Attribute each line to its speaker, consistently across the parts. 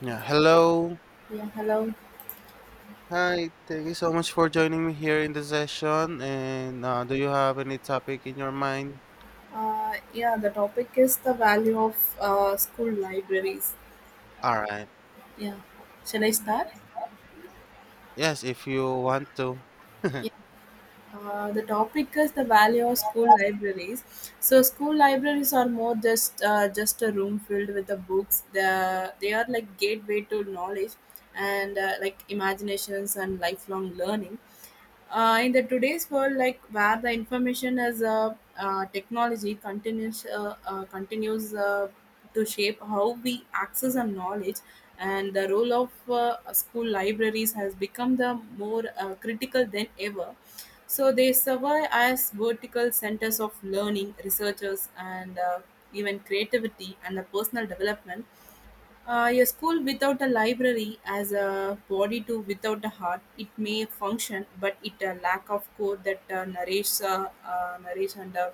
Speaker 1: Yeah, hello.
Speaker 2: Yeah, hello.
Speaker 1: Hi, thank you so much for joining me here in the session. And do you have any topic in your mind?
Speaker 2: Yeah, the topic is the value of school libraries.
Speaker 1: All right.
Speaker 2: Yeah, shall I start?
Speaker 1: Yes, if you want to.
Speaker 2: The topic is the value of school libraries. So school libraries are more just a room filled with the books. They are like gateway to knowledge and like imaginations and lifelong learning. In the today's world, like where the information as a technology continues to shape how we access our knowledge, and the role of school libraries has become the more critical than ever so they survive as vertical centers of learning, researchers, and even creativity and the personal development. A school without a library as a body to without a heart, it may function, but it a lack of core that nourishes, nourish and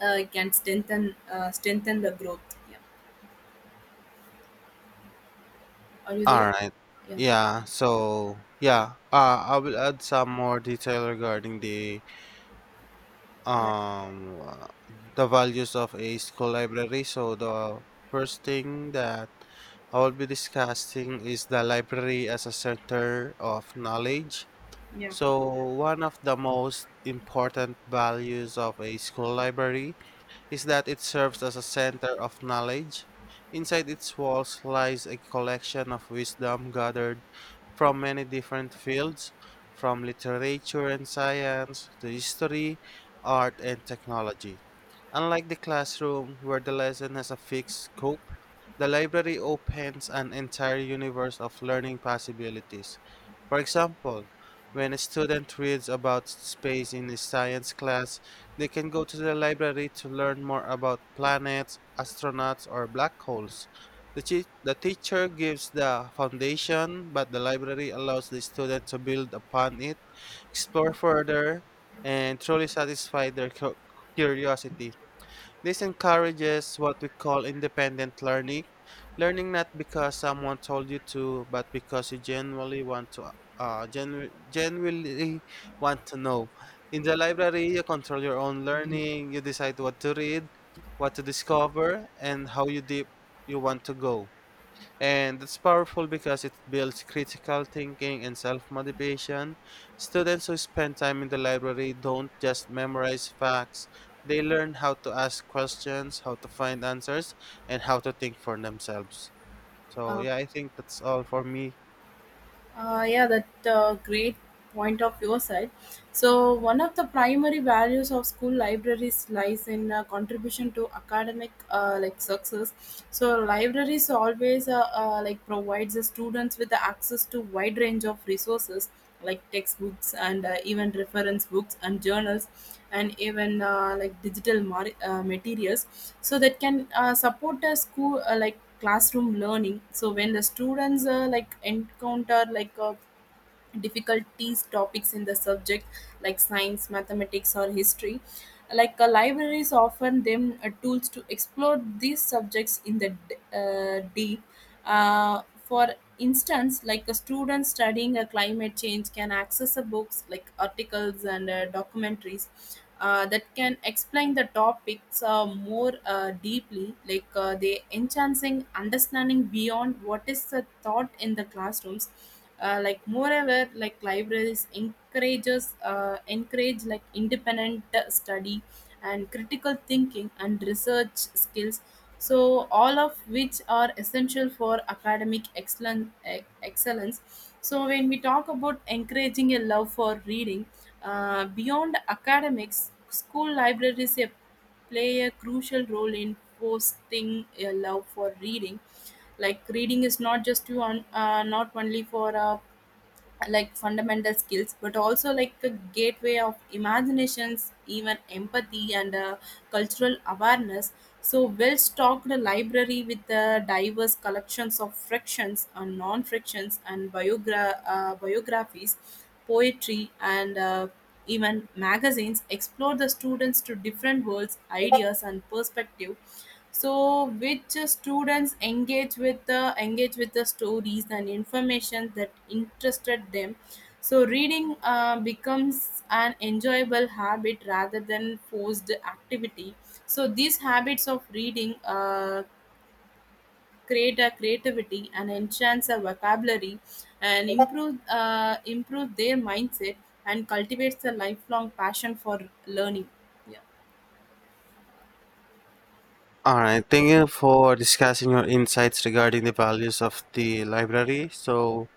Speaker 2: can strengthen the growth. Yeah. Are you
Speaker 1: All
Speaker 2: there?
Speaker 1: right.
Speaker 2: Yeah.
Speaker 1: Yeah, so I will add some more detail regarding
Speaker 2: Yeah.
Speaker 1: um uh, the values of a school library. So the first thing that I will be discussing is the library as a center of knowledge.
Speaker 2: Sure. Yeah.
Speaker 1: So, one of the most important values of a school library is that it serves as a center of knowledge. Inside its walls lies a collection of wisdom gathered from many different fields, from literature and science to history, art, and technology. Unlike the classroom, where the lesson has a fixed scope, the library opens an entire universe of learning possibilities. For example, when a student reads about space in a science class, they can go to the library to learn more about planets, astronauts, or black holes. The teacher gives the foundation, but the library allows the student to build upon it, explore further, and truly satisfy their curiosity. This encourages what we call independent learning, learning not because someone told you to, but because you genuinely want to genuinely want to know. In the library, you control your own learning, you decide what to read, what to discover, and how you deep you want to go. And it's powerful because it builds critical thinking and self motivation. Students who spend time in the library don't just memorize facts, they learn how to ask questions, how to find answers, and how to think for themselves. So,
Speaker 2: Uh,
Speaker 1: yeah, I think that's all for me.
Speaker 2: Yeah, that great point of your side. So, one of the primary values of school libraries lies in contribution to academic like success. So, libraries always like provides the students with the access to wide range of resources like textbooks and even reference books and journals and even like materials so that can support a school like classroom learning so when the students like encounter like a difficulties topics in the subject like science mathematics or history like libraries offer them tools to explore these subjects in the deep for instance like a student studying a climate change can access a books like articles and documentaries that can explain the topics more deeply like they enhancing understanding beyond what is the thought in the classrooms like moreover like libraries encourage like independent study and critical thinking and research skills so all of which are essential for academic excellence so when we talk about encouraging a love for reading beyond academics school libraries a play a crucial role in fostering a love for reading. Like reading is not just to on, not only for like fundamental skills but also like a gateway of imaginations even empathy and cultural awareness so well stocked library with diverse collections of frictions and non frictions and biographies poetry and even magazines explore the students to different worlds ideas and perspective so which students engage with the stories and information that interested them so reading becomes an enjoyable habit rather than forced activity so these habits of reading create a creativity and enhance a vocabulary and improve their mindset and cultivates a lifelong passion for learning.
Speaker 1: All right, thank you for discussing your insights regarding the values of the library. So,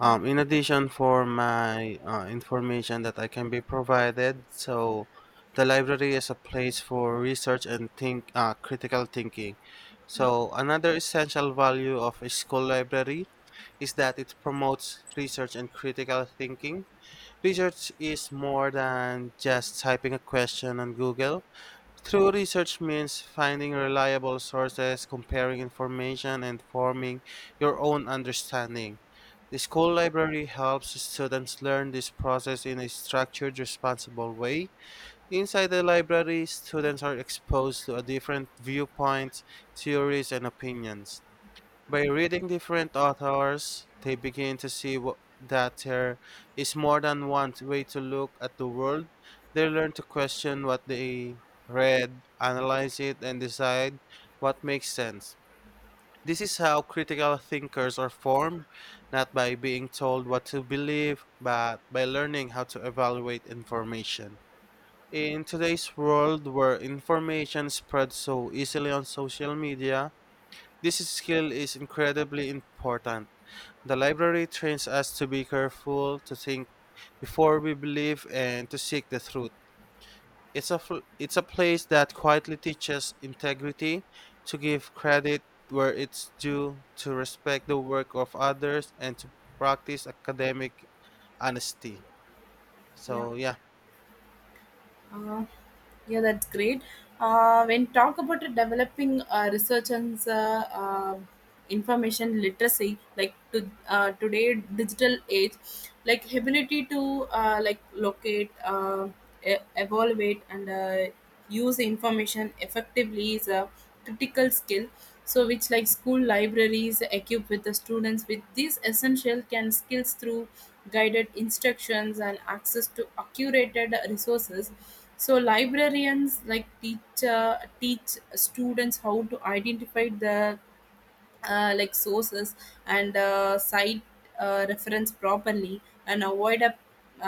Speaker 2: Yeah.
Speaker 1: in addition, for my information that I can be provided, so the library is a place for research and think critical thinking. So another essential value of a school library is that it promotes research and critical thinking. Research is more than just typing a question on Google. True research means finding reliable sources, comparing information, and forming your own understanding. The school library helps students learn this process in a structured, responsible way. Inside the library, students are exposed to a different viewpoints, theories, and opinions. By reading different authors, they begin to see that there is more than one way to look at the world. They learn to question what they read, analyze it, and decide what makes sense. This is how critical thinkers are formed, not by being told what to believe, but by learning how to evaluate information. In today's world where information spreads so easily on social media, this skill is incredibly important. The library trains us to be careful, to think before we believe, and to seek the truth. It's a place that quietly teaches integrity, to give credit where it's due, to respect the work of others, and to practice academic honesty.
Speaker 2: Yeah.
Speaker 1: So, yeah.
Speaker 2: Uh, yeah, that's great. When talk about the developing research and information literacy, like to today digital age, like ability to like locate, evaluate, and use information effectively is critical skill so which like school libraries equip with the students with these essential can skills through guided instructions and access to accurate resources so librarians like teach students how to identify the like sources and site reference properly and avoid a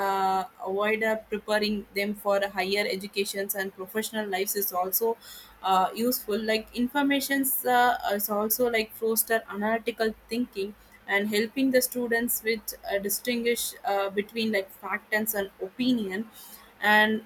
Speaker 2: uh, avoid preparing them for higher educations and professional lives is also useful like informations is also like foster analytical thinking and helping the students with distinguish between like fact and an opinion and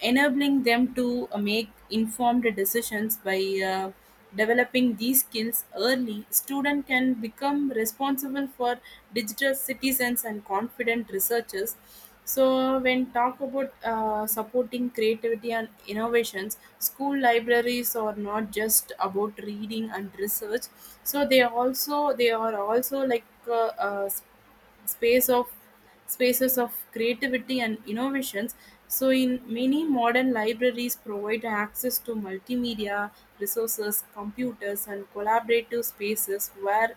Speaker 2: enabling them to make informed decisions by uh, developing these skills early student can become responsible for digital citizens and confident researchers so when talk about supporting creativity and innovations school libraries are not just about reading and research so they are also like space of spaces of creativity and innovations so in many modern libraries provide access to multimedia resources computers and collaborative spaces where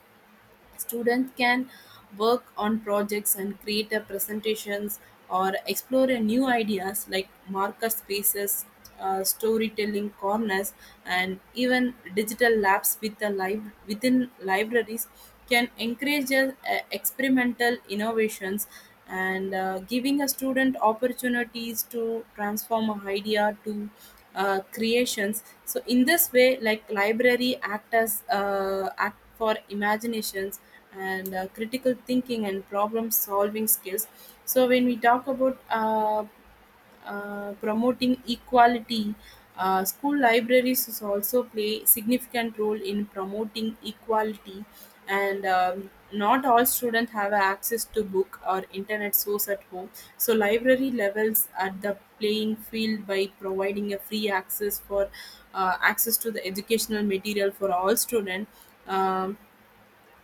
Speaker 2: students can work on projects and create a presentations or explore a new ideas like marker spaces, storytelling corners, and even digital labs with the within libraries can encourage experimental innovations and giving a student opportunities to transform an idea to creations so in this way like library act as act for imaginations and critical thinking and problem solving skills so when we talk about promoting equality. School libraries is also play significant role in promoting equality, and not all students have access to book or internet source at home. So library levels at the playing field by providing a free access for access to the educational material for all students. Um,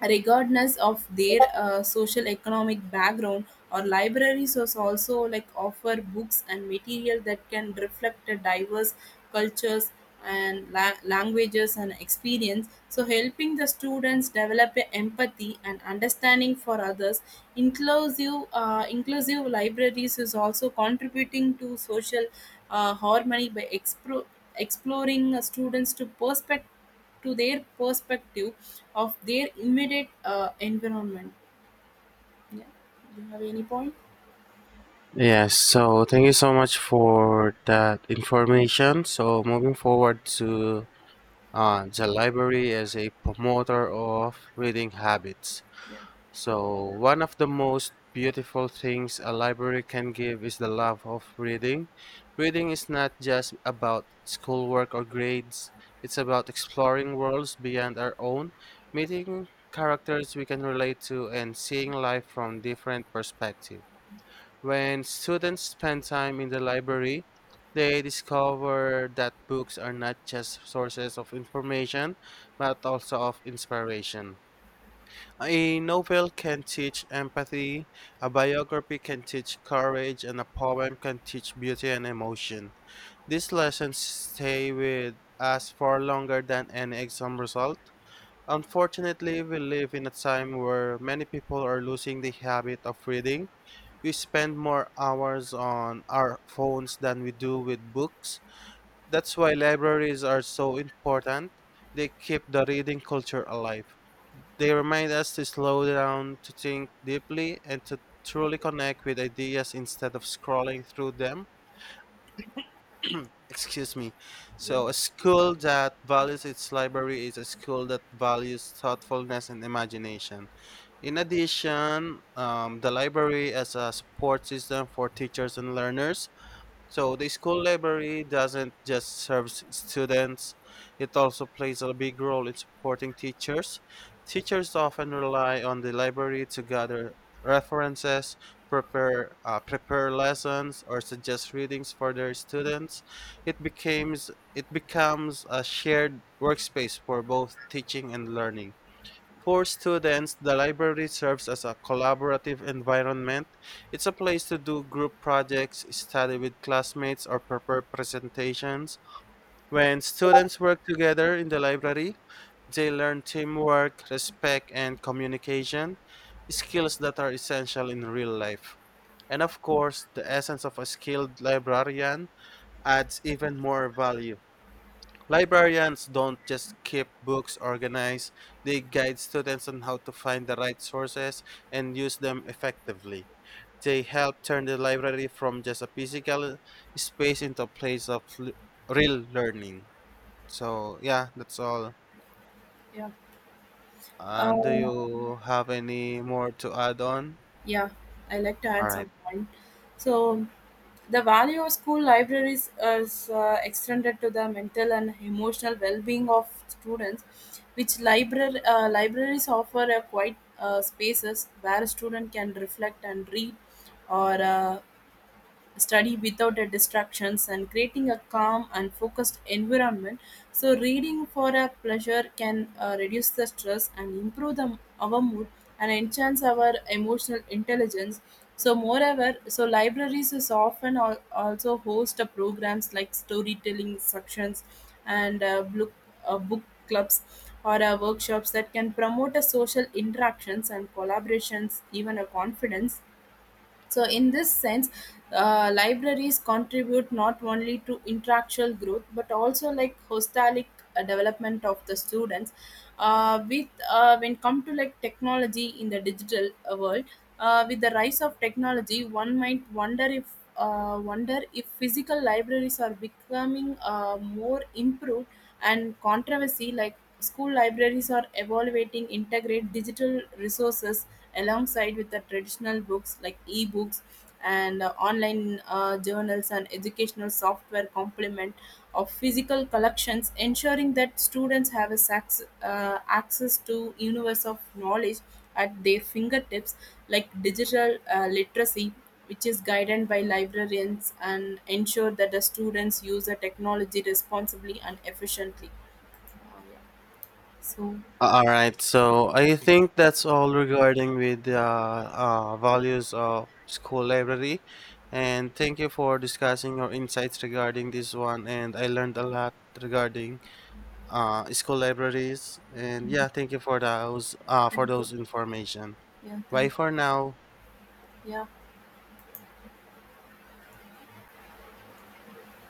Speaker 2: Regardless of their social economic background or libraries was also like offer books and material that can reflect the diverse cultures and languages and experience so helping the students develop a empathy and understanding for others inclusive libraries is also contributing to social harmony by exploring students to perspective to their perspective of their immediate environment. Yeah. Do you have any point?
Speaker 1: Yes, so thank you so much for that information. So moving forward to the library as a promoter of reading habits. So, one of the most beautiful things a library can give is the love of reading. Reading is not just about schoolwork or grades, it's about exploring worlds beyond our own, meeting characters we can relate to, and seeing life from different perspectives. When students spend time in the library, they discover that books are not just sources of information, but also of inspiration. A novel can teach empathy, a biography can teach courage, and a poem can teach beauty and emotion. These lessons stay with us far longer than any exam result. Unfortunately, we live in a time where many people are losing the habit of reading. We spend more hours on our phones than we do with books. That's why libraries are so important. They keep the reading culture alive. They remind us to slow down, to think deeply, and to truly connect with ideas instead of scrolling through them. Excuse me. So, a school that values its library is a school that values thoughtfulness and imagination. In addition, the library as a support system for teachers and learners so the school library doesn't just serve students, it also plays a big role in supporting teachers. Teachers often rely on the library to gather references, prepare lessons or suggest readings for their students. It becomes a shared workspace for both teaching and learning. For students, the library serves as a collaborative environment. It's a place to do group projects, study with classmates, or prepare presentations. When students work together in the library, they learn teamwork, respect, and communication, skills that are essential in real life. And of course, the essence of a skilled librarian adds even more value. Librarians don't just keep books organized, they guide students on how to find the right sources and use them effectively. They help turn the library from just a physical space into a place of real learning. So, yeah, that's all.
Speaker 2: Yeah.
Speaker 1: Do
Speaker 2: Uh,
Speaker 1: you have any more to add on?
Speaker 2: yeah, I like to
Speaker 1: All
Speaker 2: add
Speaker 1: right.
Speaker 2: some point. So, the value of school libraries is extended to the mental and emotional well-being of students, which library libraries offer a quiet spaces where a student can reflect and read, or study without the distractions and creating a calm and focused environment so reading for a pleasure can reduce the stress and improve the, our mood and enhance our emotional intelligence so moreover so libraries is often also host a programs like storytelling sections and book clubs or workshops that can promote a social interactions and collaborations even a confidence so, in this sense, libraries contribute not only to intellectual growth but also like holistic development of the students. With When come to like technology in the digital world, with the rise of technology, one might wonder if physical libraries are becoming more improved and controversy like school libraries are evaluating integrate digital resources alongside with the traditional books like e-books and online journals and educational software complement of physical collections ensuring that students have a access to universe of knowledge at their fingertips like digital literacy which is guided by librarians and ensure that the students use the technology responsibly and efficiently so
Speaker 1: All right, so I think that's all regarding with the values of school library, and thank you for discussing your insights regarding this one. And I learned a lot regarding school libraries, and yeah, thank you
Speaker 2: thank
Speaker 1: for
Speaker 2: you.
Speaker 1: those information.
Speaker 2: Yeah,
Speaker 1: Bye
Speaker 2: thank.
Speaker 1: for now.
Speaker 2: Yeah.